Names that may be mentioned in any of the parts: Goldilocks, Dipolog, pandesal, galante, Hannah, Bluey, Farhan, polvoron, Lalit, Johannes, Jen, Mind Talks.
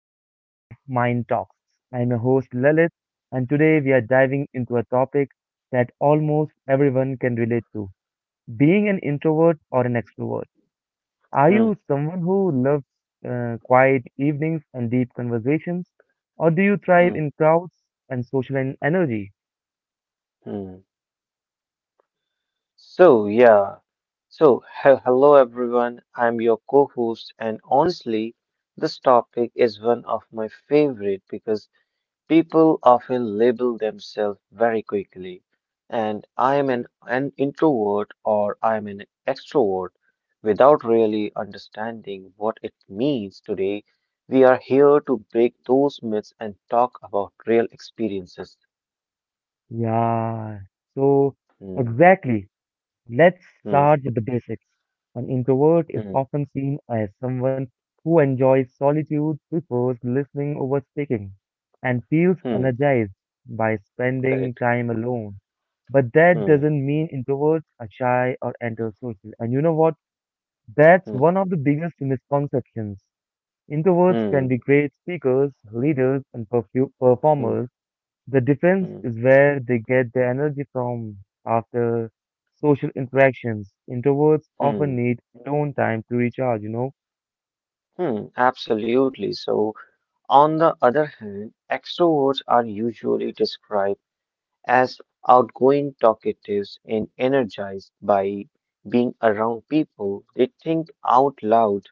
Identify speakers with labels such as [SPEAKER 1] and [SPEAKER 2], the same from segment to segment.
[SPEAKER 1] episode of Mind Talks. I'm your host Lalit, and today we are diving into a topic that almost everyone can relate to being an introvert or an extrovert. Are you
[SPEAKER 2] Hmm.
[SPEAKER 1] someone who loves quiet evenings and deep conversations, or do you thrive
[SPEAKER 2] Hmm.
[SPEAKER 1] in crowds and social energy?
[SPEAKER 2] Hmm. So, yeah. Hello everyone. I'm your co host, and honestly, this topic is one of my favorite because people often label themselves very quickly. And I am an introvert or I am an extrovert without really understanding what it means today. We are here to break those myths and talk about real experiences.
[SPEAKER 1] Yeah, so
[SPEAKER 2] Hmm,
[SPEAKER 1] exactly. Let's
[SPEAKER 2] hmm,
[SPEAKER 1] start with the basics. An introvert is
[SPEAKER 2] hmm,
[SPEAKER 1] often seen as someone who enjoys solitude, prefers listening over speaking, and feels
[SPEAKER 2] hmm.
[SPEAKER 1] energized by spending
[SPEAKER 2] Correct.
[SPEAKER 1] time alone. But that
[SPEAKER 2] Hmm,
[SPEAKER 1] doesn't mean introverts are shy or antisocial. And you know what? That's
[SPEAKER 2] hmm,
[SPEAKER 1] one of the biggest misconceptions. Introverts
[SPEAKER 2] hmm,
[SPEAKER 1] can be great speakers, leaders, and
[SPEAKER 2] hmm,
[SPEAKER 1] performers the defense
[SPEAKER 2] hmm,
[SPEAKER 1] is where they get their energy from after social interactions. Introverts often
[SPEAKER 2] hmm,
[SPEAKER 1] need alone time to recharge, you know.
[SPEAKER 2] Absolutely. So, on the other hand, extroverts are usually described as outgoing, talkatives, and energized by being around people. They think out loud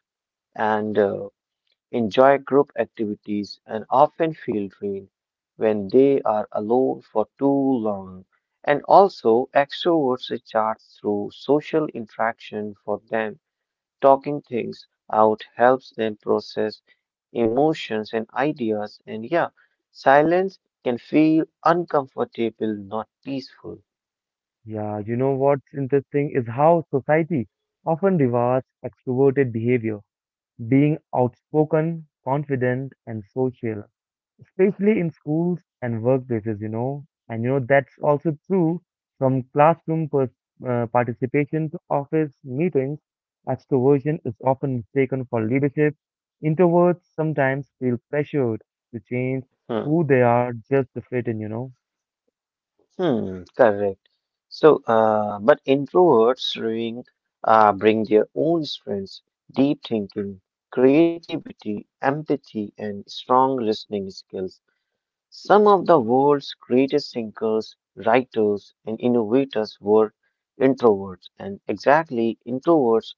[SPEAKER 2] and enjoy group activities and often feel drained when they are alone for too long. And also, extroverts recharge through social interaction. For them, talking things out helps them process emotions and ideas. And yeah, silence can feel uncomfortable, not peaceful.
[SPEAKER 1] Yeah, you know what's interesting is how society often rewards extroverted behavior, being outspoken, confident, and social, especially in schools and workplaces, you know. And you know, that's also true from classroom participation to office meetings. Extroversion is often mistaken for leadership. Introverts sometimes feel pressured to change
[SPEAKER 2] Hmm.
[SPEAKER 1] who they are just to fit in, you know.
[SPEAKER 2] Hmm. Correct. But introverts bring their own strengths, deep thinking, creativity, empathy, and strong listening skills. Some of the world's greatest thinkers, writers, and innovators were introverts, and exactly introverts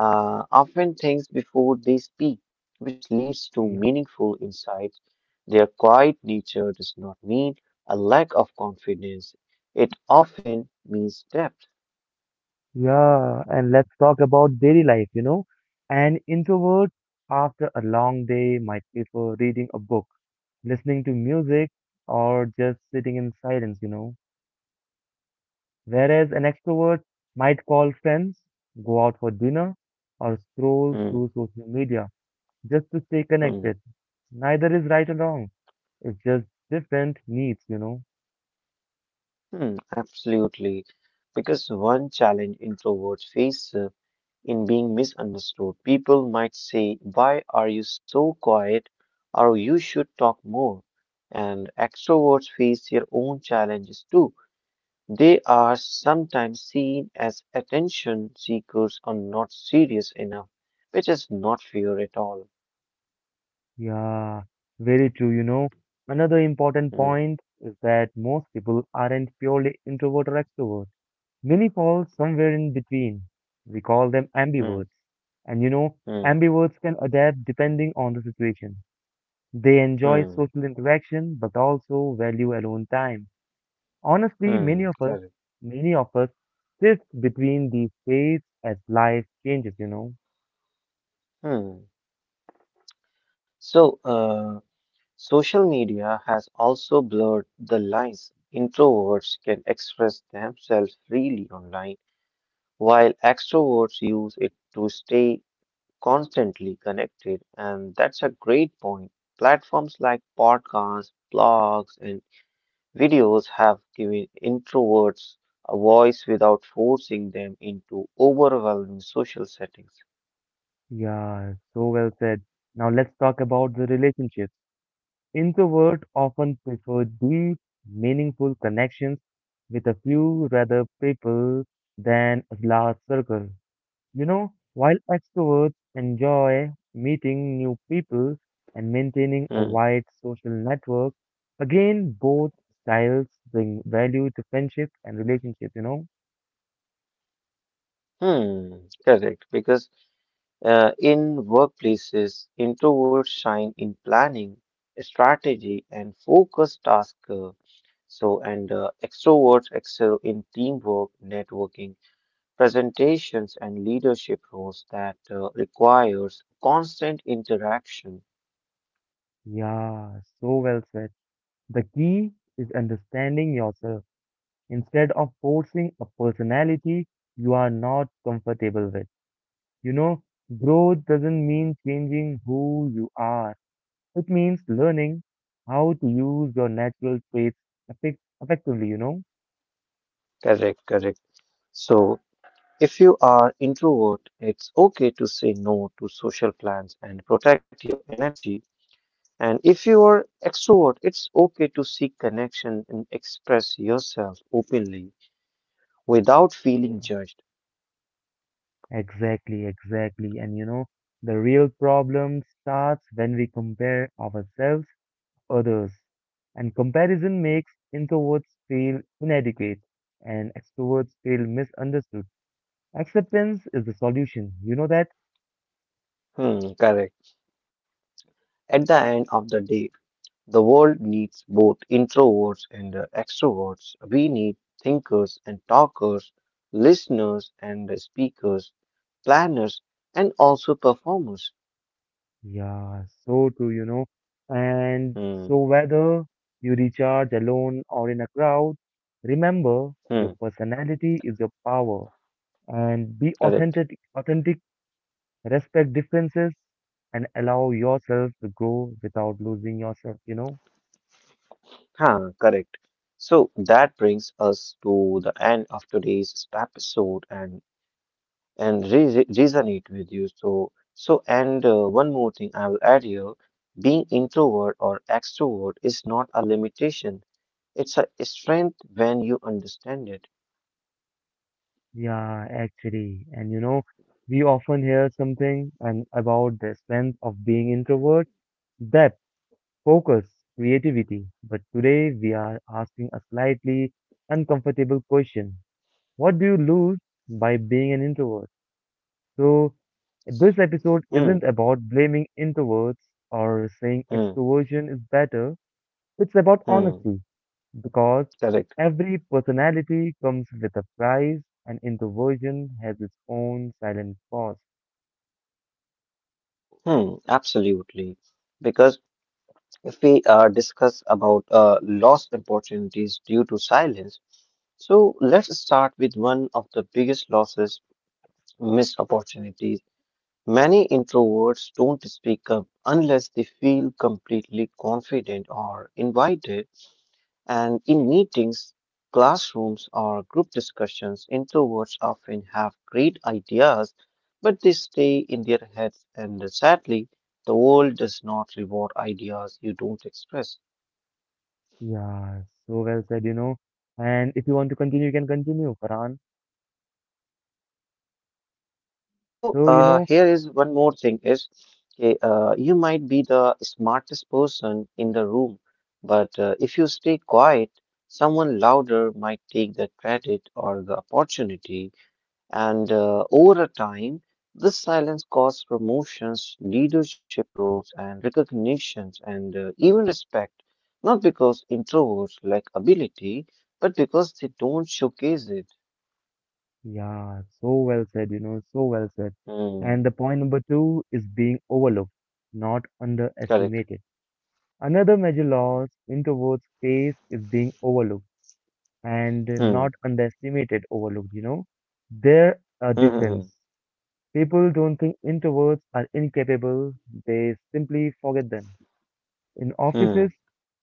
[SPEAKER 2] often think before they speak, which leads to
[SPEAKER 1] Yeah.
[SPEAKER 2] meaningful insights. Their quiet nature does not mean a lack of confidence, it often means depth.
[SPEAKER 1] Yeah. And let's talk about daily life, you know. An introvert after a long day might prefer reading a book, listening to music, or just sitting in silence, you know. Whereas an extrovert might call friends, go out for dinner, or scroll
[SPEAKER 2] Hmm,
[SPEAKER 1] through social media just to stay
[SPEAKER 2] hmm,
[SPEAKER 1] connected. Neither is right or wrong. It's just different needs, you know.
[SPEAKER 2] Absolutely. Because one challenge introverts face in being misunderstood. People might say, "Why are you so quiet?" or "You should talk more." And extroverts face their own challenges too. They are sometimes seen as attention seekers or not serious enough, which is not fair at all.
[SPEAKER 1] Yeah, very true, you know. Another important
[SPEAKER 2] Hmm,
[SPEAKER 1] point is that most people aren't purely introvert or extrovert. Many fall somewhere in between. We call them
[SPEAKER 2] hmm,
[SPEAKER 1] ambiverts. And you know,
[SPEAKER 2] hmm,
[SPEAKER 1] ambiverts can adapt depending on the situation. They enjoy
[SPEAKER 2] hmm,
[SPEAKER 1] social interaction but also value alone time. Honestly,
[SPEAKER 2] Correct.
[SPEAKER 1] many of us shift between these states as life changes, you know.
[SPEAKER 2] Hmm. So, uh, Social media has also blurred the lines. Introverts can express themselves freely online, while extroverts use it to stay constantly connected. And that's a great point. Platforms like podcasts, blogs, and videos have given introverts a voice without forcing them into overwhelming social settings.
[SPEAKER 1] Yeah, so well said. Now let's talk about the relationships. Introverts often prefer deep, meaningful connections with a few rather people than a large circle. You know, while extroverts enjoy meeting new people and maintaining a
[SPEAKER 2] Hmm.
[SPEAKER 1] wide social network, again, both styles bring value to friendship and relationship, you know?
[SPEAKER 2] Hmm. Correct. Because In workplaces, introverts shine in planning, strategy, and focused task. So, and Extroverts excel in teamwork, networking, presentations, and leadership roles that requires constant interaction.
[SPEAKER 1] Yeah, so well said. The key is understanding yourself instead of forcing a personality you are not comfortable with. You know, growth doesn't mean changing who you are. It means learning how to use your natural traits effectively, you know?
[SPEAKER 2] Correct, correct. So, if you are introvert, it's okay to say no to social plans and protect your energy. And if you are extrovert, it's okay to seek connection and express yourself openly without feeling
[SPEAKER 1] Yeah.
[SPEAKER 2] judged.
[SPEAKER 1] Exactly, exactly. And you know, the real problem starts when we compare ourselves to others. And comparison makes introverts feel inadequate and extroverts feel misunderstood. Acceptance is the solution. You know that?
[SPEAKER 2] Hmm, correct. At the end of the day, the world needs both introverts and extroverts. We need thinkers and talkers, listeners and speakers, planners and also performers.
[SPEAKER 1] Yeah, so true, you know. And
[SPEAKER 2] Hmm,
[SPEAKER 1] so whether you recharge alone or in a crowd, remember
[SPEAKER 2] hmm,
[SPEAKER 1] your personality is your power and be
[SPEAKER 2] correct.
[SPEAKER 1] authentic, authentic, respect differences and allow yourself to grow without losing yourself, you know.
[SPEAKER 2] Correct. So that brings us to the end of today's episode and resonate with you. So, so and one more thing I will add here: being introvert or extrovert is not a limitation; it's a strength when you understand it.
[SPEAKER 1] Yeah, actually. And you know, we often hear something and about the strength of being introvert, that focus, creativity. But today we are asking a slightly uncomfortable question. What do you lose by being an introvert? So this episode isn't
[SPEAKER 2] Hmm,
[SPEAKER 1] about blaming introverts or saying
[SPEAKER 2] hmm,
[SPEAKER 1] extroversion is better. It's about
[SPEAKER 2] hmm.
[SPEAKER 1] honesty because
[SPEAKER 2] Correct.
[SPEAKER 1] every personality comes with a price and introversion has its own silent cost.
[SPEAKER 2] Absolutely. Because if we discuss about lost opportunities due to silence, so let's start with one of the biggest losses, missed opportunities. Many introverts don't speak up unless they feel completely confident or invited, and in meetings, classrooms, or group discussions, introverts often have great ideas, but they stay in their heads, and sadly, the world does not reward ideas you don't express.
[SPEAKER 1] Yeah, so well said, you know. And if you want to continue, you can continue, Farhan.
[SPEAKER 2] So
[SPEAKER 1] So, you know,
[SPEAKER 2] here is one more thing is Okay, you might be the smartest person in the room, but if you stay quiet, someone louder might take the credit or the opportunity. And over a time, this silence causes promotions, leadership roles, and recognitions, and even respect. Not because introverts lack ability, but because they don't showcase it.
[SPEAKER 1] yeah, so well said, you know, so well said.
[SPEAKER 2] Hmm,
[SPEAKER 1] And the point number two is being overlooked, not
[SPEAKER 2] correct.
[SPEAKER 1] underestimated. Another major loss introverts face is being overlooked and
[SPEAKER 2] Hmm.
[SPEAKER 1] not underestimated, overlooked, you know. There are
[SPEAKER 2] Hmm. Hmm. hmm,
[SPEAKER 1] difference. People don't think introverts are incapable, they simply forget them. In
[SPEAKER 2] hmm.
[SPEAKER 1] offices,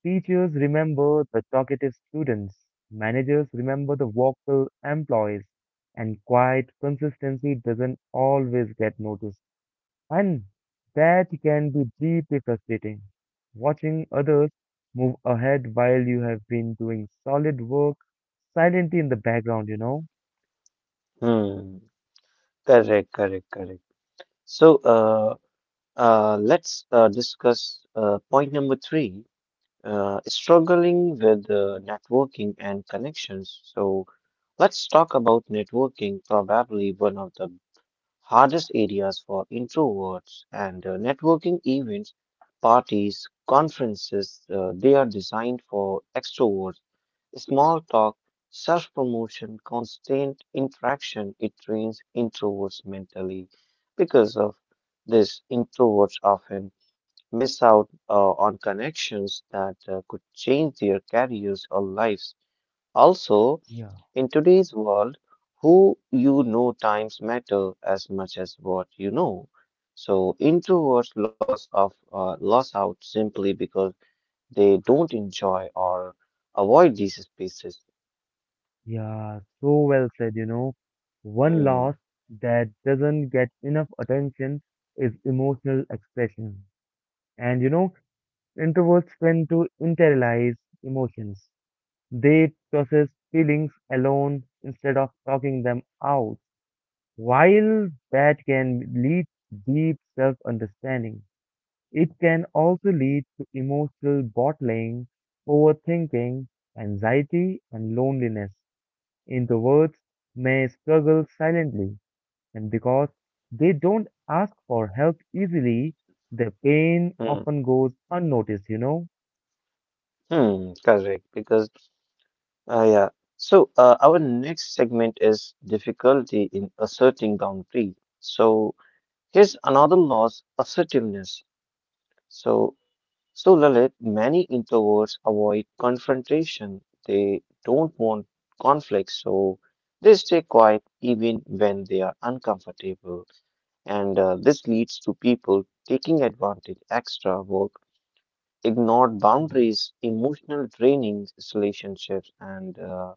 [SPEAKER 1] teachers remember the talkative students, managers remember the vocal employees, and quiet consistency doesn't always get noticed. And that can be deeply frustrating. Watching others move ahead while you have been doing solid work silently in the background, you know?
[SPEAKER 2] Hmm. Correct, correct, correct. So let's discuss point number three, struggling with networking and connections. So, let's talk about networking, probably one of the hardest areas for introverts. And Networking events, parties, conferences, they are designed for extroverts. Small talk, self promotion, constant interaction, it trains introverts mentally. Because of this, introverts often miss out on connections that could change their careers or lives. Also,
[SPEAKER 1] Yeah,
[SPEAKER 2] in today's world, who you know times matter as much as what you know. So introverts loss out simply because they don't enjoy or avoid these spaces.
[SPEAKER 1] yeah, so well said, you know. One
[SPEAKER 2] Hmm,
[SPEAKER 1] loss that doesn't get enough attention is emotional expression. And you know, introverts tend to internalize emotions. They process feelings alone instead of talking them out. While that can lead to deep self understanding, it can also lead to emotional bottling, overthinking, anxiety, and loneliness. Introverts may struggle silently, and because they don't ask for help easily, their pain
[SPEAKER 2] hmm,
[SPEAKER 1] often goes unnoticed, you know.
[SPEAKER 2] correct. Uh, yeah. Our next segment is difficulty in asserting boundary. So, here's another loss, assertiveness. So, so, Lalit, many introverts avoid confrontation. They don't want conflict, so they stay quiet even when they are uncomfortable. And this leads to people taking advantage, extra work, ignored boundaries, emotional trainings, relationships, and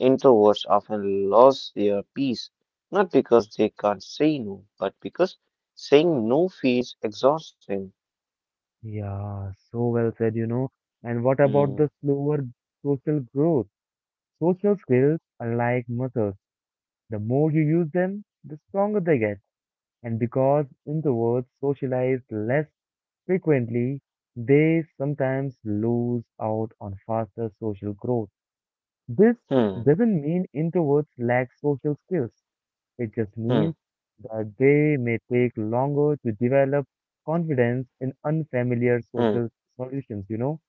[SPEAKER 2] introverts often lose their peace not because they can't say no, but because saying no feels exhausting.
[SPEAKER 1] Yeah, so well said, you know. And what about
[SPEAKER 2] Hmm.
[SPEAKER 1] the slower social growth? Social skills are like muscles. The more you use them, the stronger they get. And because introverts socialize less frequently, they sometimes lose out on faster social growth. This
[SPEAKER 2] Hmm.
[SPEAKER 1] doesn't mean introverts lack social skills. It just means
[SPEAKER 2] Hmm.
[SPEAKER 1] that they may take longer to develop confidence in unfamiliar
[SPEAKER 2] Hmm.
[SPEAKER 1] social solutions, you know,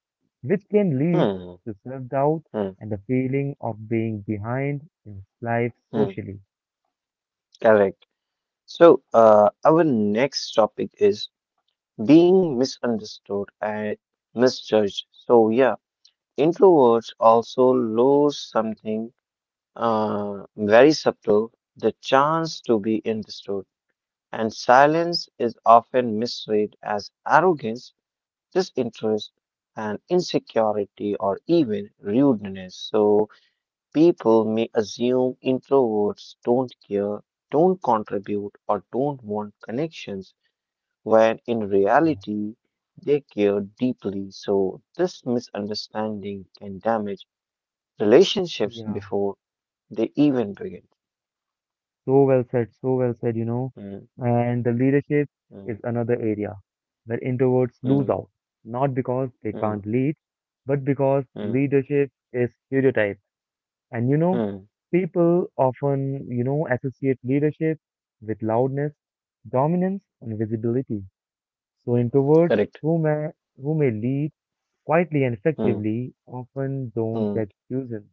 [SPEAKER 1] which can lead
[SPEAKER 2] Hmm.
[SPEAKER 1] to self doubt
[SPEAKER 2] Hmm.
[SPEAKER 1] and the feeling of being behind in life
[SPEAKER 2] Hmm.
[SPEAKER 1] socially.
[SPEAKER 2] Correct. So, our next topic is being misunderstood and misjudged. So, yeah, introverts also lose something very subtle, the chance to be understood, and silence is often misread as arrogance, disinterest, and insecurity, or even rudeness. So people may assume introverts don't care, don't contribute, or don't want connections, when in
[SPEAKER 1] Yeah.
[SPEAKER 2] reality, they care deeply. So this misunderstanding can damage relationships
[SPEAKER 1] Yeah.
[SPEAKER 2] before they even begin.
[SPEAKER 1] So well said, you know.
[SPEAKER 2] Hmm.
[SPEAKER 1] And the leadership is
[SPEAKER 2] Mm,
[SPEAKER 1] another area where introverts lose
[SPEAKER 2] mm,
[SPEAKER 1] out, not because they can't
[SPEAKER 2] mm,
[SPEAKER 1] lead, but because
[SPEAKER 2] mm,
[SPEAKER 1] leadership is stereotyped. And you know,
[SPEAKER 2] mm.
[SPEAKER 1] people often, you know, associate leadership with loudness, dominance, and visibility. So introverts
[SPEAKER 2] Correct.
[SPEAKER 1] who may who may lead quietly and
[SPEAKER 2] Mm,
[SPEAKER 1] effectively often don't
[SPEAKER 2] mm,
[SPEAKER 1] get chosen.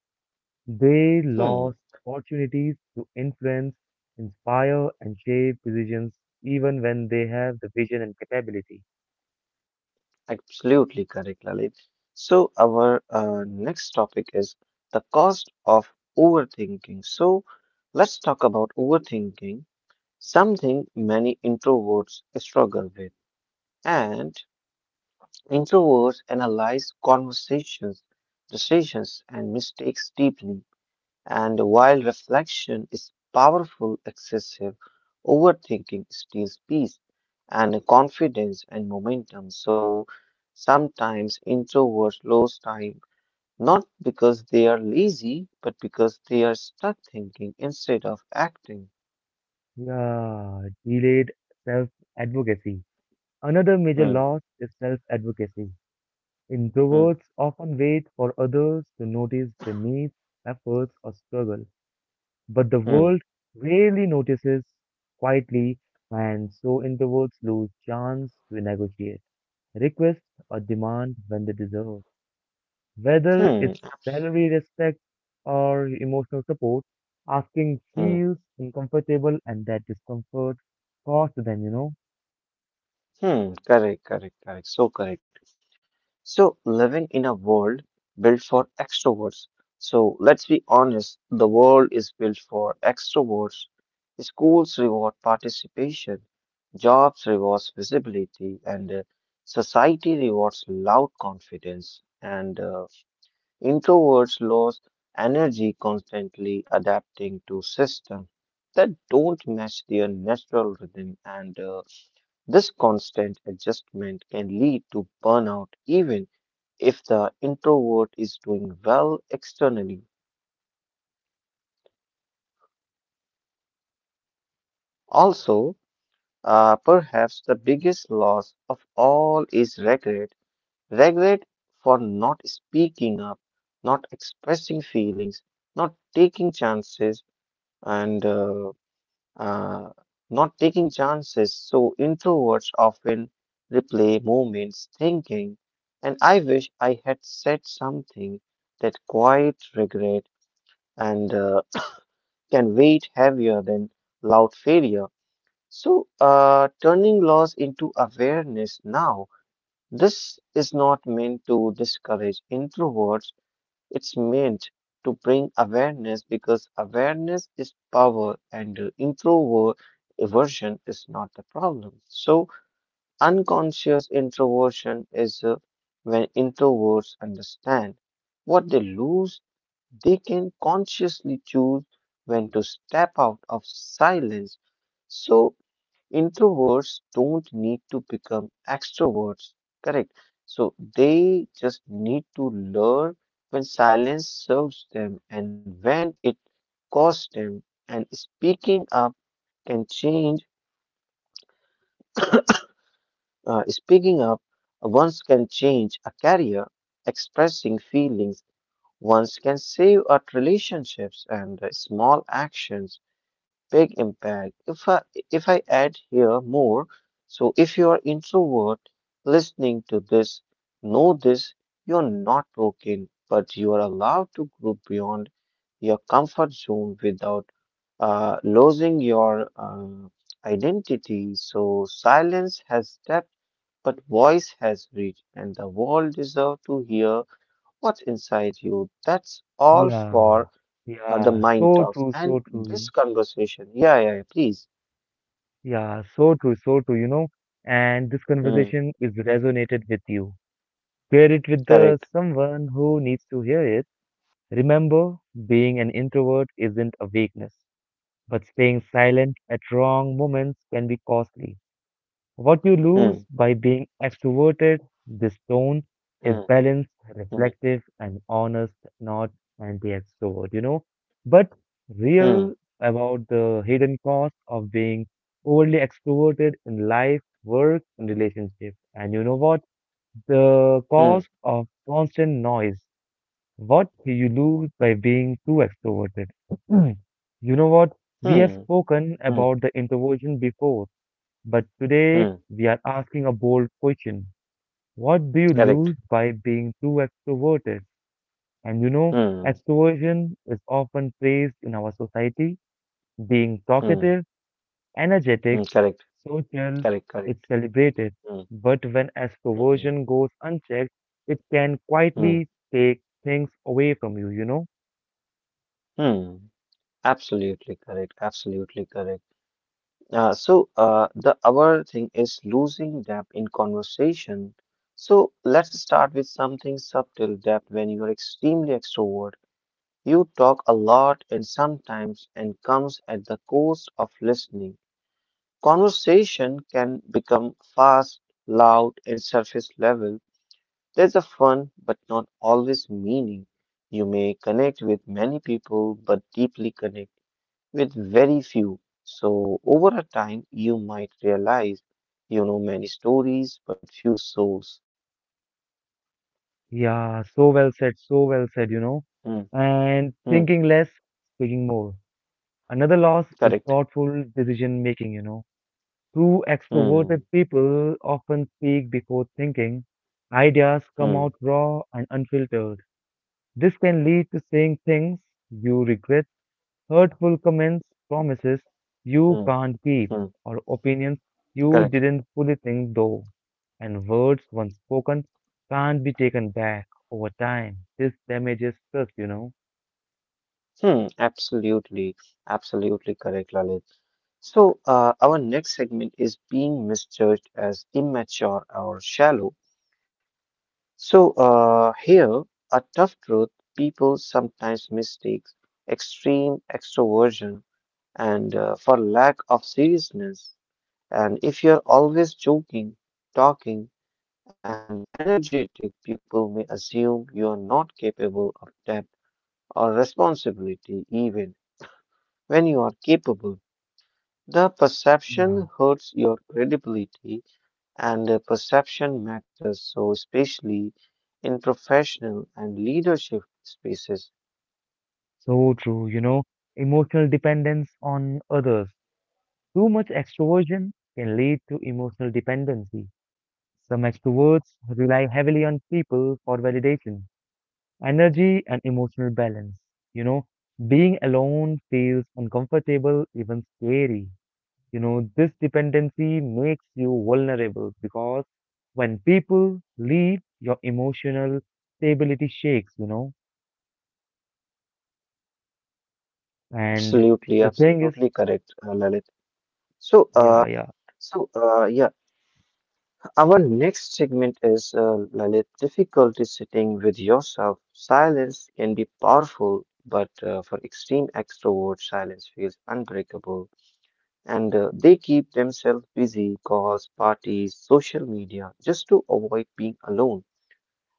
[SPEAKER 1] They
[SPEAKER 2] mm.
[SPEAKER 1] lost opportunities to influence, inspire, and shape decisions even when they have the vision and capability.
[SPEAKER 2] Absolutely correct, Lalit. So our next topic is the cost of overthinking. So let's talk about overthinking, something many introverts struggle with. And introverts analyze conversations, decisions, and mistakes deeply. And while reflection is powerful, excessive overthinking steals peace and confidence and momentum. So sometimes introverts lose time not because they are lazy, but because they are stuck thinking instead of acting.
[SPEAKER 1] Yeah, delayed self advocacy. Another major
[SPEAKER 2] Hmm,
[SPEAKER 1] loss is self advocacy.
[SPEAKER 2] hmm,
[SPEAKER 1] Introverts often wait for others to notice their needs, efforts, or struggle. But the
[SPEAKER 2] hmm,
[SPEAKER 1] world rarely notices quietly, and so introverts lose chance to negotiate, request, or demand when they deserve. Whether it's
[SPEAKER 2] hmm,
[SPEAKER 1] salary, respect, or emotional support, asking
[SPEAKER 2] hmm,
[SPEAKER 1] feels uncomfortable, and that discomfort costs them, you know.
[SPEAKER 2] hmm. Correct, correct, correct. So correct. So, living in a world built for extroverts. So, let's be honest, the world is built for extroverts. Schools reward participation, jobs rewards visibility, and society rewards loud confidence. And introverts lose energy constantly adapting to systems that don't match their natural rhythm. And this constant adjustment can lead to burnout, even if the introvert is doing well externally. Also, perhaps the biggest loss of all is regret. Regret for not speaking up, not expressing feelings, not taking chances, and uh, not taking chances. So, introverts often replay moments thinking, "And I wish I had said something." That quiet regret and can weight heavier than loud failure. So, turning loss into awareness now. This is not meant to discourage introverts, it's meant to bring awareness because awareness is power and introvert aversion is not the problem. So, unconscious introversion is when introverts understand what they lose they can consciously choose when to step out of silence. So, introverts don't need to become extroverts, correct? So, they just need to learn when silence serves them and when it costs them. And can change, speaking up once can change a career, expressing feelings once can save our relationships and small actions big impact. If I add here more, so if you are introvert listening to this, know this, you are not broken, but you are allowed to grow beyond your comfort zone without losing your identity. So silence has depth, but voice has reach, and the world deserves to hear what's inside you. That's all
[SPEAKER 1] Yeah,
[SPEAKER 2] for the
[SPEAKER 1] yeah,
[SPEAKER 2] mind talks and
[SPEAKER 1] so true, you know.
[SPEAKER 2] this conversation. Yeah, yeah, yeah, please.
[SPEAKER 1] Yeah, so true, you know. And this
[SPEAKER 2] Hmm,
[SPEAKER 1] conversation is resonated with you. Share it with
[SPEAKER 2] correct.
[SPEAKER 1] the someone who needs to hear it. Remember, being an introvert isn't a weakness, but staying silent at wrong moments can be costly. What you lose
[SPEAKER 2] Hmm,
[SPEAKER 1] by being extroverted, this tone
[SPEAKER 2] hmm,
[SPEAKER 1] is balanced,
[SPEAKER 2] hmm,
[SPEAKER 1] reflective, and honest, not anti-extrovert, you know. But
[SPEAKER 2] hmm,
[SPEAKER 1] real about the hidden cost of being overly extroverted in life, work, and relationship. And you know what? The
[SPEAKER 2] hmm,
[SPEAKER 1] cause of constant noise. What you lose by being too extroverted. You know what? We have
[SPEAKER 2] hmm,
[SPEAKER 1] spoken
[SPEAKER 2] hmm,
[SPEAKER 1] about the introversion before, but today
[SPEAKER 2] hmm,
[SPEAKER 1] we are asking a bold question. What do you
[SPEAKER 2] correct.
[SPEAKER 1] lose by being too extroverted? And you know,
[SPEAKER 2] Hmm,
[SPEAKER 1] extroversion is often praised in our society, being
[SPEAKER 2] hmm,
[SPEAKER 1] talkative, energetic,
[SPEAKER 2] correct,
[SPEAKER 1] social,
[SPEAKER 2] correct,
[SPEAKER 1] it's
[SPEAKER 2] correct.
[SPEAKER 1] celebrated.
[SPEAKER 2] Hmm,
[SPEAKER 1] But when
[SPEAKER 2] hmm,
[SPEAKER 1] extroversion goes unchecked, it can
[SPEAKER 2] hmm,
[SPEAKER 1] quietly take things away from you, you know?
[SPEAKER 2] hmm. Absolutely correct, absolutely correct. The other thing is losing depth in conversation. So let's start with something subtle. Depth. When you are extremely extrovert, you talk a lot and sometimes and comes at the cost of listening. Conversation can become fast, loud, and surface level. There's a fun but not always meaning. You may connect with many people but deeply connect with very few. So over a time you might realize you know many stories but few souls.
[SPEAKER 1] Yeah, so well said, you know?
[SPEAKER 2] Hmm,
[SPEAKER 1] And
[SPEAKER 2] hmm,
[SPEAKER 1] thinking less, speaking more. Another loss is
[SPEAKER 2] correct.
[SPEAKER 1] thoughtful decision making, you know? True
[SPEAKER 2] Hmm,
[SPEAKER 1] extroverted people often speak before thinking. Ideas come
[SPEAKER 2] hmm,
[SPEAKER 1] out raw and unfiltered. This can lead to saying things you regret hurtful comments, promises you
[SPEAKER 2] hmm,
[SPEAKER 1] can't keep,
[SPEAKER 2] hmm,
[SPEAKER 1] or opinions you
[SPEAKER 2] correct.
[SPEAKER 1] didn't fully think though. And words once spoken can't be taken back over time. This damages trust, you know.
[SPEAKER 2] Absolutely, absolutely correct, Lalit. So, our next segment is being misjudged as immature or shallow. So, here, a tough truth. People sometimes mistake extreme extroversion and for lack of seriousness. And if you're always joking, talking, and energetic, people may assume you are not capable of depth or responsibility, even when you are capable. The
[SPEAKER 1] Yeah,
[SPEAKER 2] perception hurts your credibility, and the perception matters so, especially in professional and leadership spaces.
[SPEAKER 1] so true, you know. Emotional dependence on others. Too much extroversion can lead to emotional dependency. Some extroverts rely heavily on people for validation, energy and emotional balance. You know, being alone feels uncomfortable, even scary. You know, this dependency makes you vulnerable because when people leave, your emotional stability shakes, you know. And
[SPEAKER 2] Absolutely,
[SPEAKER 1] the thing is,
[SPEAKER 2] absolutely correct, Lalit. So, uh,
[SPEAKER 1] yeah, yeah,
[SPEAKER 2] so, our next segment is Lalit. Difficulty sitting with yourself. Silence can be powerful, but for extreme extroverts, silence feels unbreakable. And they keep themselves busy, cause parties, social media, just to avoid being alone.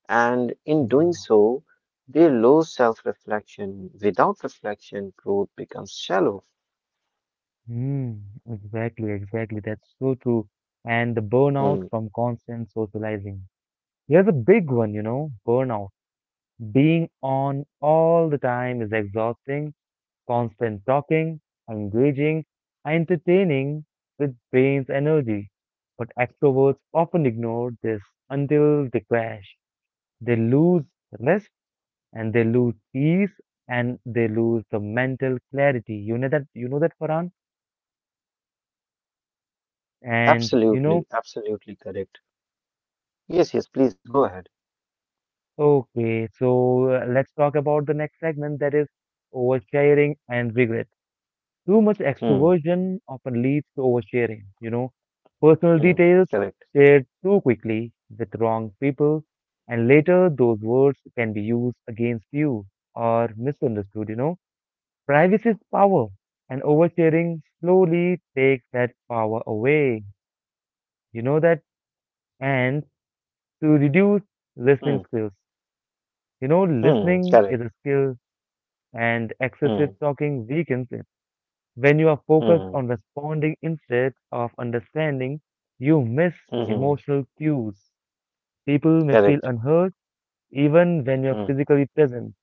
[SPEAKER 2] And in doing
[SPEAKER 1] yeah.
[SPEAKER 2] so, they lose self reflection. Without reflection, growth becomes shallow.
[SPEAKER 1] Mm, exactly, exactly. That's so true. And the burnout
[SPEAKER 2] Hmm.
[SPEAKER 1] from constant socializing. Here's a big one, you know, burnout. Being on all the time is exhausting constant talking, engaging, and entertaining with brain's energy. But extroverts often ignore this until they crash. They lose rest and they lose peace and they lose the mental clarity. You know that Farhan? And you know,
[SPEAKER 2] Absolutely, absolutely correct. Yes, yes, please go ahead.
[SPEAKER 1] okay, so let's talk about the next segment that is oversharing and regret. Too much
[SPEAKER 2] Hmm.
[SPEAKER 1] extroversion often leads to oversharing, you know, personal
[SPEAKER 2] Hmm.
[SPEAKER 1] details
[SPEAKER 2] Correct.
[SPEAKER 1] shared too quickly with wrong people, and later those words can be used against you or misunderstood, you know. Privacy is power, and oversharing slowly takes that power away, you know that, and to reduce listening
[SPEAKER 2] Hmm.
[SPEAKER 1] skills. You know,
[SPEAKER 2] Hmm.
[SPEAKER 1] listening
[SPEAKER 2] Correct.
[SPEAKER 1] is a skill, and excessive
[SPEAKER 2] Hmm.
[SPEAKER 1] talking weakens it. When you are focused
[SPEAKER 2] Hmm.
[SPEAKER 1] on responding instead of understanding, you miss
[SPEAKER 2] Hmm. hmm.
[SPEAKER 1] emotional cues. People may feel
[SPEAKER 2] Correct.
[SPEAKER 1] unheard even when you're
[SPEAKER 2] Hmm.
[SPEAKER 1] physically present,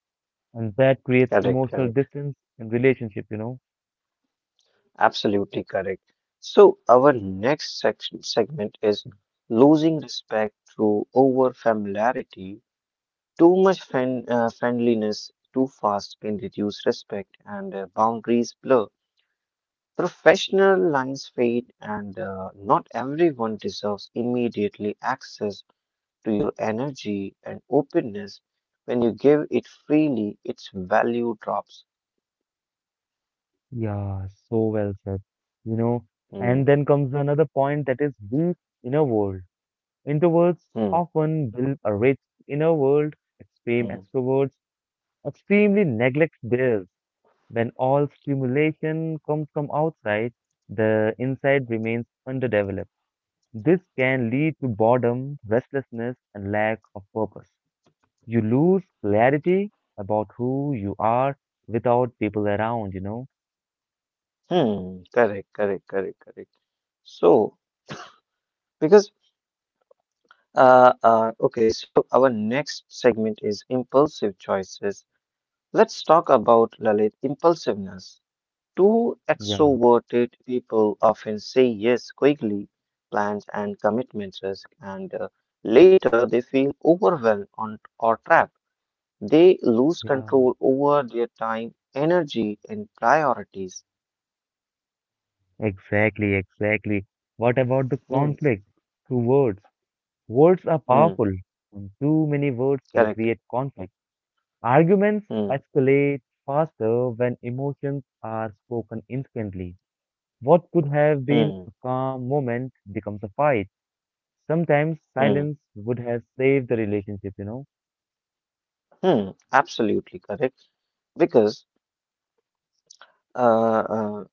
[SPEAKER 1] and that creates
[SPEAKER 2] Correct.
[SPEAKER 1] emotional
[SPEAKER 2] Correct.
[SPEAKER 1] distance in relationship, you know?
[SPEAKER 2] Absolutely correct. So, our next section segment is losing respect through over familiarity. Too much friendliness too fast can reduce respect and boundaries blur. Professional lines fade, and not everyone deserves immediately access to your energy and openness. When you give it freely, its value drops.
[SPEAKER 1] Yeah, so well said. You know,
[SPEAKER 2] Hmm,
[SPEAKER 1] and then comes another point that is deep inner world. Introverts
[SPEAKER 2] hmm,
[SPEAKER 1] often build a rich inner world, extreme
[SPEAKER 2] hmm,
[SPEAKER 1] extroverts extremely neglect theirs. When all stimulation comes from outside, the inside remains underdeveloped. This can lead to boredom, restlessness, and lack of purpose. You lose clarity about who you are without people around, you know?
[SPEAKER 2] hmm. Correct, correct, correct, correct. So, because okay, so our next segment is impulsive choices. Let's talk about Lalit impulsiveness. Two
[SPEAKER 1] Yeah,
[SPEAKER 2] extroverted people often say yes quickly, plans and commitment risk, and later they feel overwhelmed on, or trapped. They lose
[SPEAKER 1] yeah.
[SPEAKER 2] control over their time, energy, and priorities.
[SPEAKER 1] Exactly, exactly. What about the
[SPEAKER 2] Hmm.
[SPEAKER 1] conflict? Two words. Words are
[SPEAKER 2] Hmm.
[SPEAKER 1] powerful, and too many words can
[SPEAKER 2] Correct.
[SPEAKER 1] create conflict. Arguments
[SPEAKER 2] Hmm.
[SPEAKER 1] escalate faster when emotions are spoken instantly. What could have been
[SPEAKER 2] Hmm.
[SPEAKER 1] a calm moment becomes a fight. Sometimes
[SPEAKER 2] Hmm.
[SPEAKER 1] silence would have saved the relationship, you know.
[SPEAKER 2] Hmm. Absolutely correct. Because Uh, uh,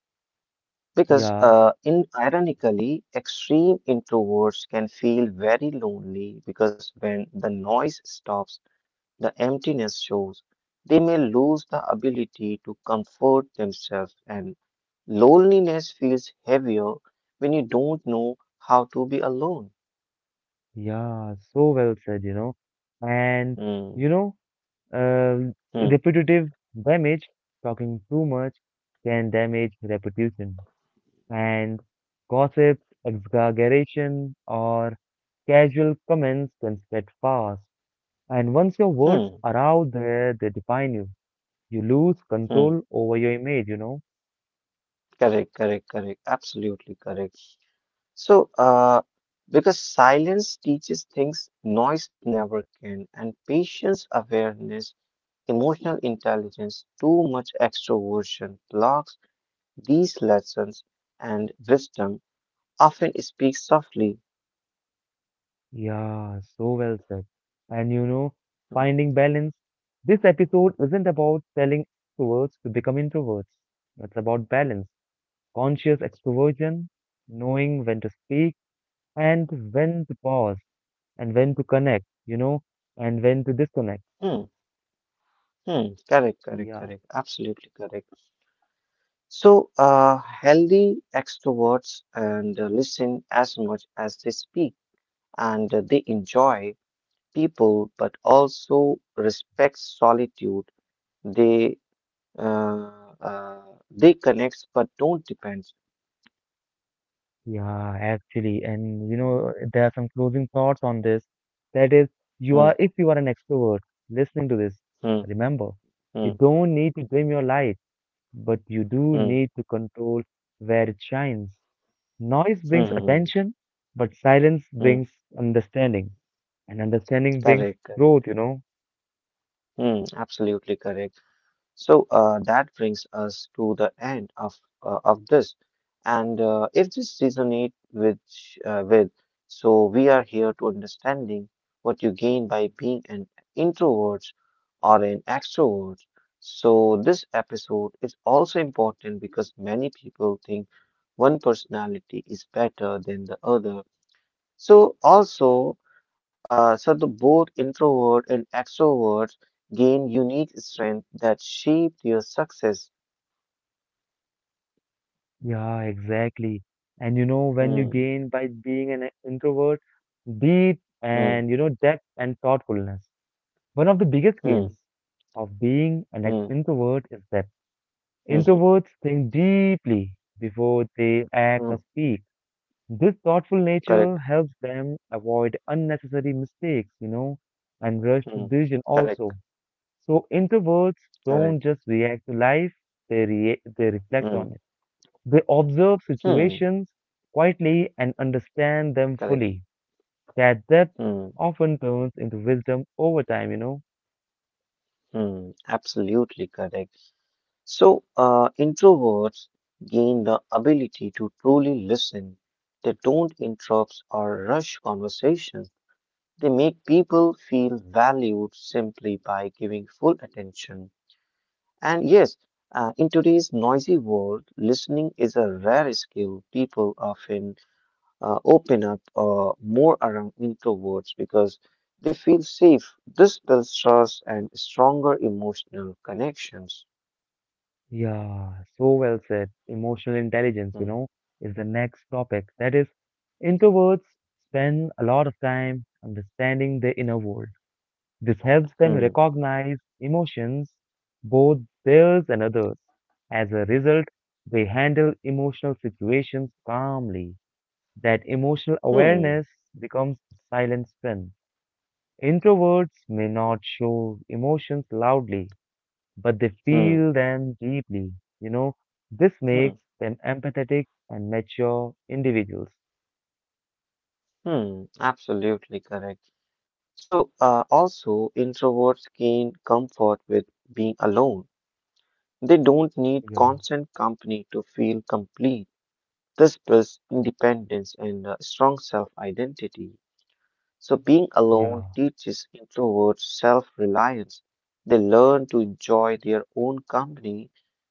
[SPEAKER 2] because
[SPEAKER 1] Yeah,
[SPEAKER 2] in ironically, extreme introverts can feel very lonely because when the noise stops, the emptiness shows. They may lose the ability to comfort themselves, and loneliness feels heavier when you don't know how to be alone.
[SPEAKER 1] yeah, so well said, And,
[SPEAKER 2] Hmm,
[SPEAKER 1] you know, uh,
[SPEAKER 2] hmm,
[SPEAKER 1] repetitive damage, talking too much can damage reputation. And gossip, exaggeration, or casual comments can spread fast. And once your words
[SPEAKER 2] hmm,
[SPEAKER 1] are out there, they define you. You lose
[SPEAKER 2] hmm.
[SPEAKER 1] control over your image, you know.
[SPEAKER 2] Correct, correct, correct. Absolutely correct. So, because silence teaches things noise never can, and patience, awareness, emotional intelligence, too much extroversion blocks these lessons, and wisdom often speaks softly.
[SPEAKER 1] Yeah, so well said. And you know, finding balance. This episode isn't about telling extroverts to become introverts. It's about balance, conscious extroversion, knowing when to speak and when to pause and when to connect, you know, and when to disconnect.
[SPEAKER 2] Hmm, hmm, correct, correct,
[SPEAKER 1] Yeah,
[SPEAKER 2] correct, absolutely correct. So, healthy extroverts and listen as much as they speak, and they enjoy people but also respect solitude. They uh, uh, they connects but don't depends.
[SPEAKER 1] yeah, actually. And you know, there are some closing thoughts on this. That is,
[SPEAKER 2] Hmm,
[SPEAKER 1] if you are an extrovert listening to this,
[SPEAKER 2] hmm,
[SPEAKER 1] remember, you
[SPEAKER 2] hmm,
[SPEAKER 1] don't need to dim your light, but you do
[SPEAKER 2] hmm,
[SPEAKER 1] need to control where it shines. Noise
[SPEAKER 2] hmm,
[SPEAKER 1] brings
[SPEAKER 2] hmm,
[SPEAKER 1] attention, but silence
[SPEAKER 2] hmm.
[SPEAKER 1] brings understanding, and understanding brings
[SPEAKER 2] Correct, correct.
[SPEAKER 1] growth, you know?
[SPEAKER 2] Hmm, absolutely correct. So that brings us to the end of this. And if this resonate with uh, with, so we are here to understanding what you gain by being an introvert or an extrovert. So this episode is also important because many people think one personality is better than the other so also, so the both introvert and extroverts gain unique strength that shape their success.
[SPEAKER 1] Yeah, exactly. And you know, when you
[SPEAKER 2] Hmm,
[SPEAKER 1] gain by being an introvert, deep
[SPEAKER 2] hmm,
[SPEAKER 1] and you know, depth and thoughtfulness. One of the biggest
[SPEAKER 2] hmm,
[SPEAKER 1] gains of being an
[SPEAKER 2] hmm,
[SPEAKER 1] introvert is that
[SPEAKER 2] hmm,
[SPEAKER 1] introverts think deeply before they act
[SPEAKER 2] hmm.
[SPEAKER 1] or speak. This thoughtful
[SPEAKER 2] Correct.
[SPEAKER 1] nature helps them avoid unnecessary mistakes, you know, and rushed
[SPEAKER 2] Hmm.
[SPEAKER 1] decision
[SPEAKER 2] Correct.
[SPEAKER 1] also. So introverts
[SPEAKER 2] Correct.
[SPEAKER 1] don't just react to life, they
[SPEAKER 2] Hmm.
[SPEAKER 1] reflect on it. They observe
[SPEAKER 2] Hmm.
[SPEAKER 1] situations quietly and understand them
[SPEAKER 2] Correct.
[SPEAKER 1] fully. That depth
[SPEAKER 2] Hmm.
[SPEAKER 1] often turns into wisdom over time, you know.
[SPEAKER 2] Hmm. Absolutely correct. So, introverts gain the ability to truly listen. They don't interrupt or rush conversations. They make people feel valued simply by giving full attention. And yes, in today's noisy world, listening is a rare skill. People often open up more around introverts because they feel safe. This builds trust and stronger emotional connections.
[SPEAKER 1] Yeah, so well said. Emotional intelligence, you
[SPEAKER 2] Hmm.
[SPEAKER 1] know, is the next topic. That is, introverts spend a lot of time understanding their inner world. This helps them
[SPEAKER 2] Hmm.
[SPEAKER 1] recognize emotions, both theirs and others. As a result, they handle emotional situations calmly. That emotional
[SPEAKER 2] Hmm.
[SPEAKER 1] awareness becomes silent strength. Introverts may not show emotions loudly, but they
[SPEAKER 2] Hmm.
[SPEAKER 1] feel them deeply. You know, this makes
[SPEAKER 2] Hmm.
[SPEAKER 1] them empathetic and mature individuals.
[SPEAKER 2] Hmm. Absolutely correct. So, also, introverts gain comfort with being alone. They don't need
[SPEAKER 1] Yeah,
[SPEAKER 2] constant company to feel complete. This builds independence and a strong self identity. So, being alone
[SPEAKER 1] yeah,
[SPEAKER 2] teaches introverts self reliance. They learn to enjoy their own company.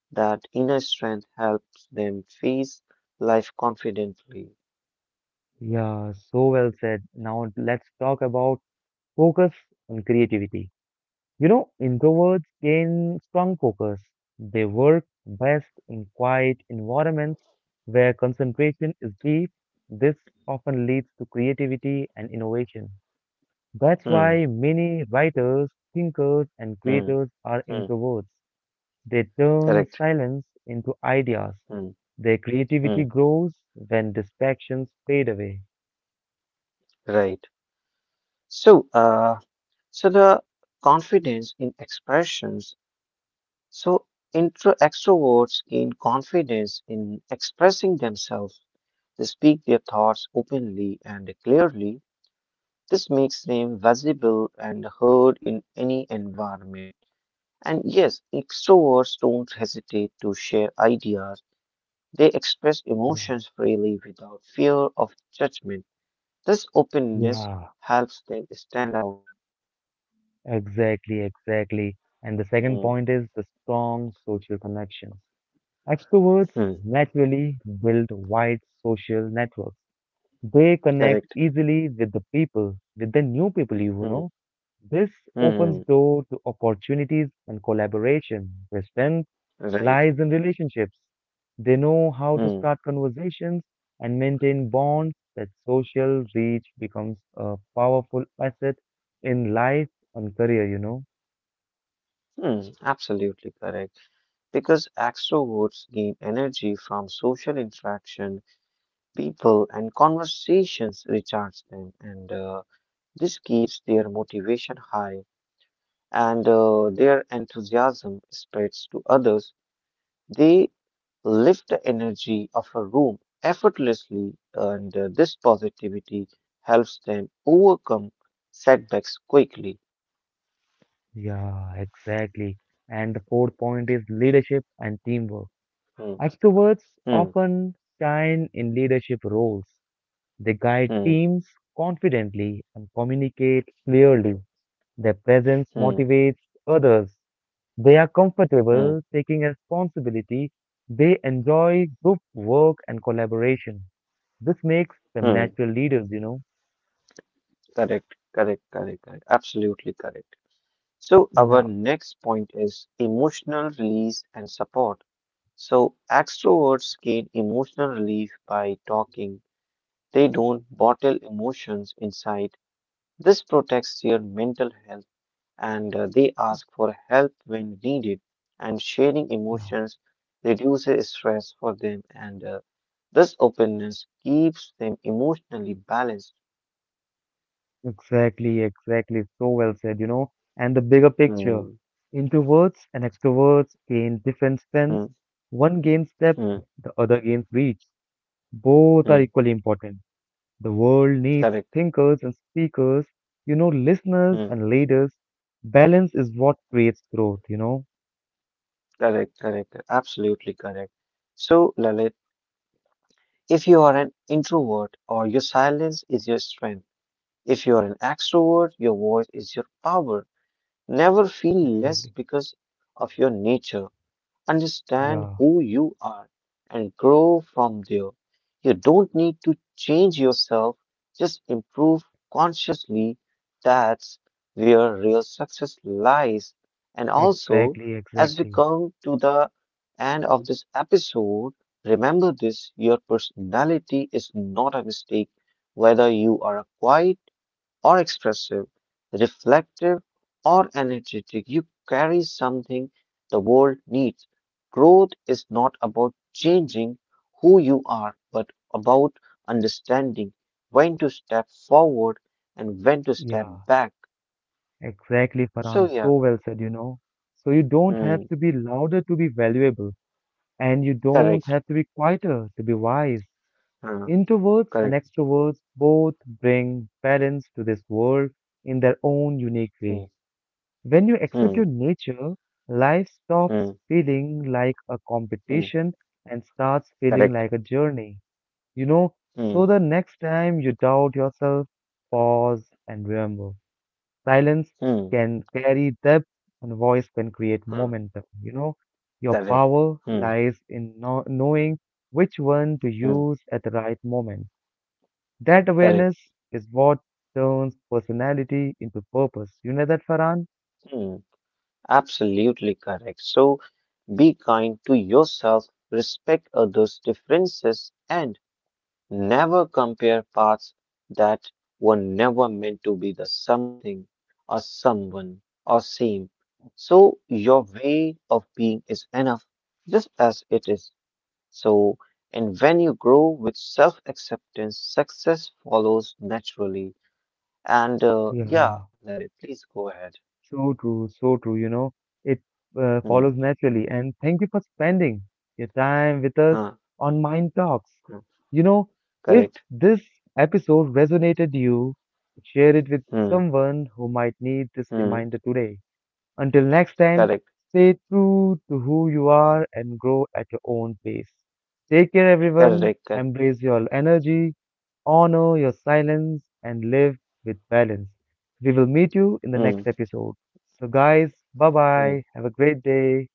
[SPEAKER 2] That inner strength helps them face life confidently.
[SPEAKER 1] yeah. so well said. Now let's talk about focus on creativity. You know, introverts gain strong focus. They work best in quiet environments where concentration is deep. This often leads to creativity and innovation. That's
[SPEAKER 2] Hmm,
[SPEAKER 1] why many writers, thinkers, and
[SPEAKER 2] hmm,
[SPEAKER 1] creators are
[SPEAKER 2] hmm,
[SPEAKER 1] introverts. They turn
[SPEAKER 2] correct.
[SPEAKER 1] silence into ideas.
[SPEAKER 2] Hmm,
[SPEAKER 1] Their
[SPEAKER 2] hmm,
[SPEAKER 1] creativity grows when distractions fade away.
[SPEAKER 2] right. So, the confidence in expressions. So intro extroverts gain confidence in expressing themselves. They speak their thoughts openly and clearly. This makes them visible and heard in any environment. And yes, extroverts don't hesitate to share ideas. They express
[SPEAKER 1] Yeah,
[SPEAKER 2] emotions freely without fear of judgment. This openness
[SPEAKER 1] yeah,
[SPEAKER 2] helps them stand out.
[SPEAKER 1] exactly, exactly. And the
[SPEAKER 2] Hmm,
[SPEAKER 1] second point is the strong social connections. Extroverts
[SPEAKER 2] hmm,
[SPEAKER 1] naturally build wide social networks. They connect
[SPEAKER 2] correct.
[SPEAKER 1] easily with the people, with the new people you
[SPEAKER 2] Hmm,
[SPEAKER 1] know. This
[SPEAKER 2] hmm, hmm,
[SPEAKER 1] opens door to opportunities and collaboration. Their strength
[SPEAKER 2] right.
[SPEAKER 1] lies in relationships. They know how to
[SPEAKER 2] Hmm,
[SPEAKER 1] start conversations and maintain bonds. That social reach becomes a powerful asset in life and career, you know.
[SPEAKER 2] hmm, absolutely correct. Because extroverts gain energy from social interaction, people, and conversations recharge them, and this keeps their motivation high and their enthusiasm spreads to others. They lift the energy of a room effortlessly, and this positivity helps them overcome setbacks quickly.
[SPEAKER 1] Yeah, exactly. And the fourth point is leadership and teamwork.
[SPEAKER 2] Hmm,
[SPEAKER 1] Extroverts
[SPEAKER 2] hmm,
[SPEAKER 1] often shine in leadership roles. They guide
[SPEAKER 2] hmm,
[SPEAKER 1] teams confidently and communicate clearly. Their presence
[SPEAKER 2] hmm,
[SPEAKER 1] motivates others. They are
[SPEAKER 2] hmm,
[SPEAKER 1] comfortable taking responsibility. They enjoy group work and collaboration. This makes them
[SPEAKER 2] hmm.
[SPEAKER 1] natural leaders, you know.
[SPEAKER 2] Correct, correct, correct, correct. Absolutely correct. So, our
[SPEAKER 1] Yeah,
[SPEAKER 2] next point is emotional release and support. So, extroverts gain emotional relief by talking, they don't bottle emotions inside. This protects their mental health and they ask for help when needed. And sharing
[SPEAKER 1] yeah.
[SPEAKER 2] emotions reduces stress for them, and this openness keeps them emotionally balanced.
[SPEAKER 1] Exactly, exactly. So well said, you know. And the bigger picture,
[SPEAKER 2] Hmm,
[SPEAKER 1] introverts and extroverts gain different
[SPEAKER 2] hmm,
[SPEAKER 1] strengths. One gains depth,
[SPEAKER 2] hmm,
[SPEAKER 1] the other gains reach. Both are
[SPEAKER 2] hmm.
[SPEAKER 1] equally important. The world needs
[SPEAKER 2] Correct.
[SPEAKER 1] thinkers and speakers, you know, listeners
[SPEAKER 2] Hmm.
[SPEAKER 1] and leaders. Balance is what creates growth, you know.
[SPEAKER 2] Correct, correct. Absolutely correct. So, Lalit, if you are an introvert or your silence is your strength, if you are an extrovert, your voice is your power. Never feel less
[SPEAKER 1] Exactly.
[SPEAKER 2] because of your nature. Understand
[SPEAKER 1] Yeah,
[SPEAKER 2] who you are and grow from there. You don't need to change yourself, just improve consciously. That's where real success lies. And also,
[SPEAKER 1] exactly,
[SPEAKER 2] as we
[SPEAKER 1] exactly.
[SPEAKER 2] come to the end of this episode, remember this your personality is not a mistake. Whether you are a quiet, or expressive, reflective, or energetic. You carry something the world needs. Growth is not about changing who you are, but about understanding when to step forward and when to step
[SPEAKER 1] Yeah,
[SPEAKER 2] back.
[SPEAKER 1] exactly,
[SPEAKER 2] So,
[SPEAKER 1] Farhan.
[SPEAKER 2] yeah,
[SPEAKER 1] So well said, you know. So you don't have
[SPEAKER 2] hmm,
[SPEAKER 1] to be louder to be valuable. And you don't
[SPEAKER 2] correct,
[SPEAKER 1] have to be quieter to be wise.
[SPEAKER 2] hmm,
[SPEAKER 1] Introverts and
[SPEAKER 2] correct,
[SPEAKER 1] extroverts both bring balance to this world in their own unique
[SPEAKER 2] hmm,
[SPEAKER 1] way. When you accept
[SPEAKER 2] hmm,
[SPEAKER 1] your nature, life stops
[SPEAKER 2] hmm,
[SPEAKER 1] feeling like a
[SPEAKER 2] hmm,
[SPEAKER 1] competition and starts feeling
[SPEAKER 2] correct,
[SPEAKER 1] like a journey. You know,
[SPEAKER 2] hmm,
[SPEAKER 1] so the next time you doubt yourself, pause and remember. Silence
[SPEAKER 2] hmm,
[SPEAKER 1] can carry depth and voice can create
[SPEAKER 2] hmm,
[SPEAKER 1] momentum. Your
[SPEAKER 2] correct,
[SPEAKER 1] power
[SPEAKER 2] hmm,
[SPEAKER 1] lies in knowing which one to
[SPEAKER 2] hmm,
[SPEAKER 1] use at the right moment. That
[SPEAKER 2] correct.
[SPEAKER 1] awareness is what turns personality into purpose. You know that, Farhan?
[SPEAKER 2] Hmm. Absolutely correct. So be kind to yourself, respect others' differences, and never compare paths that were never meant to be the something or someone or same. So your way of being is enough just as it is. So, and when you grow with self acceptance, success follows naturally. And yeah,
[SPEAKER 1] Yeah.
[SPEAKER 2] Lalit, please go ahead.
[SPEAKER 1] So true, so true. You know, it
[SPEAKER 2] Hmm.
[SPEAKER 1] follows naturally. And thank you for spending your time with us
[SPEAKER 2] Huh.
[SPEAKER 1] on Mind Talks.
[SPEAKER 2] Hmm.
[SPEAKER 1] You know, if
[SPEAKER 2] Correct.
[SPEAKER 1] this episode resonated you, share it with
[SPEAKER 2] Hmm.
[SPEAKER 1] someone who might need this
[SPEAKER 2] hmm
[SPEAKER 1] reminder today. Until next time,
[SPEAKER 2] correct
[SPEAKER 1] stay true to who you are and grow at your own pace. Take care, everyone.
[SPEAKER 2] Correct कर
[SPEAKER 1] Embrace your energy. Honor your silence and live with balance. We will meet you in the
[SPEAKER 2] hmm
[SPEAKER 1] next episode. So, guys, bye
[SPEAKER 2] hmm
[SPEAKER 1] bye. Have a great day.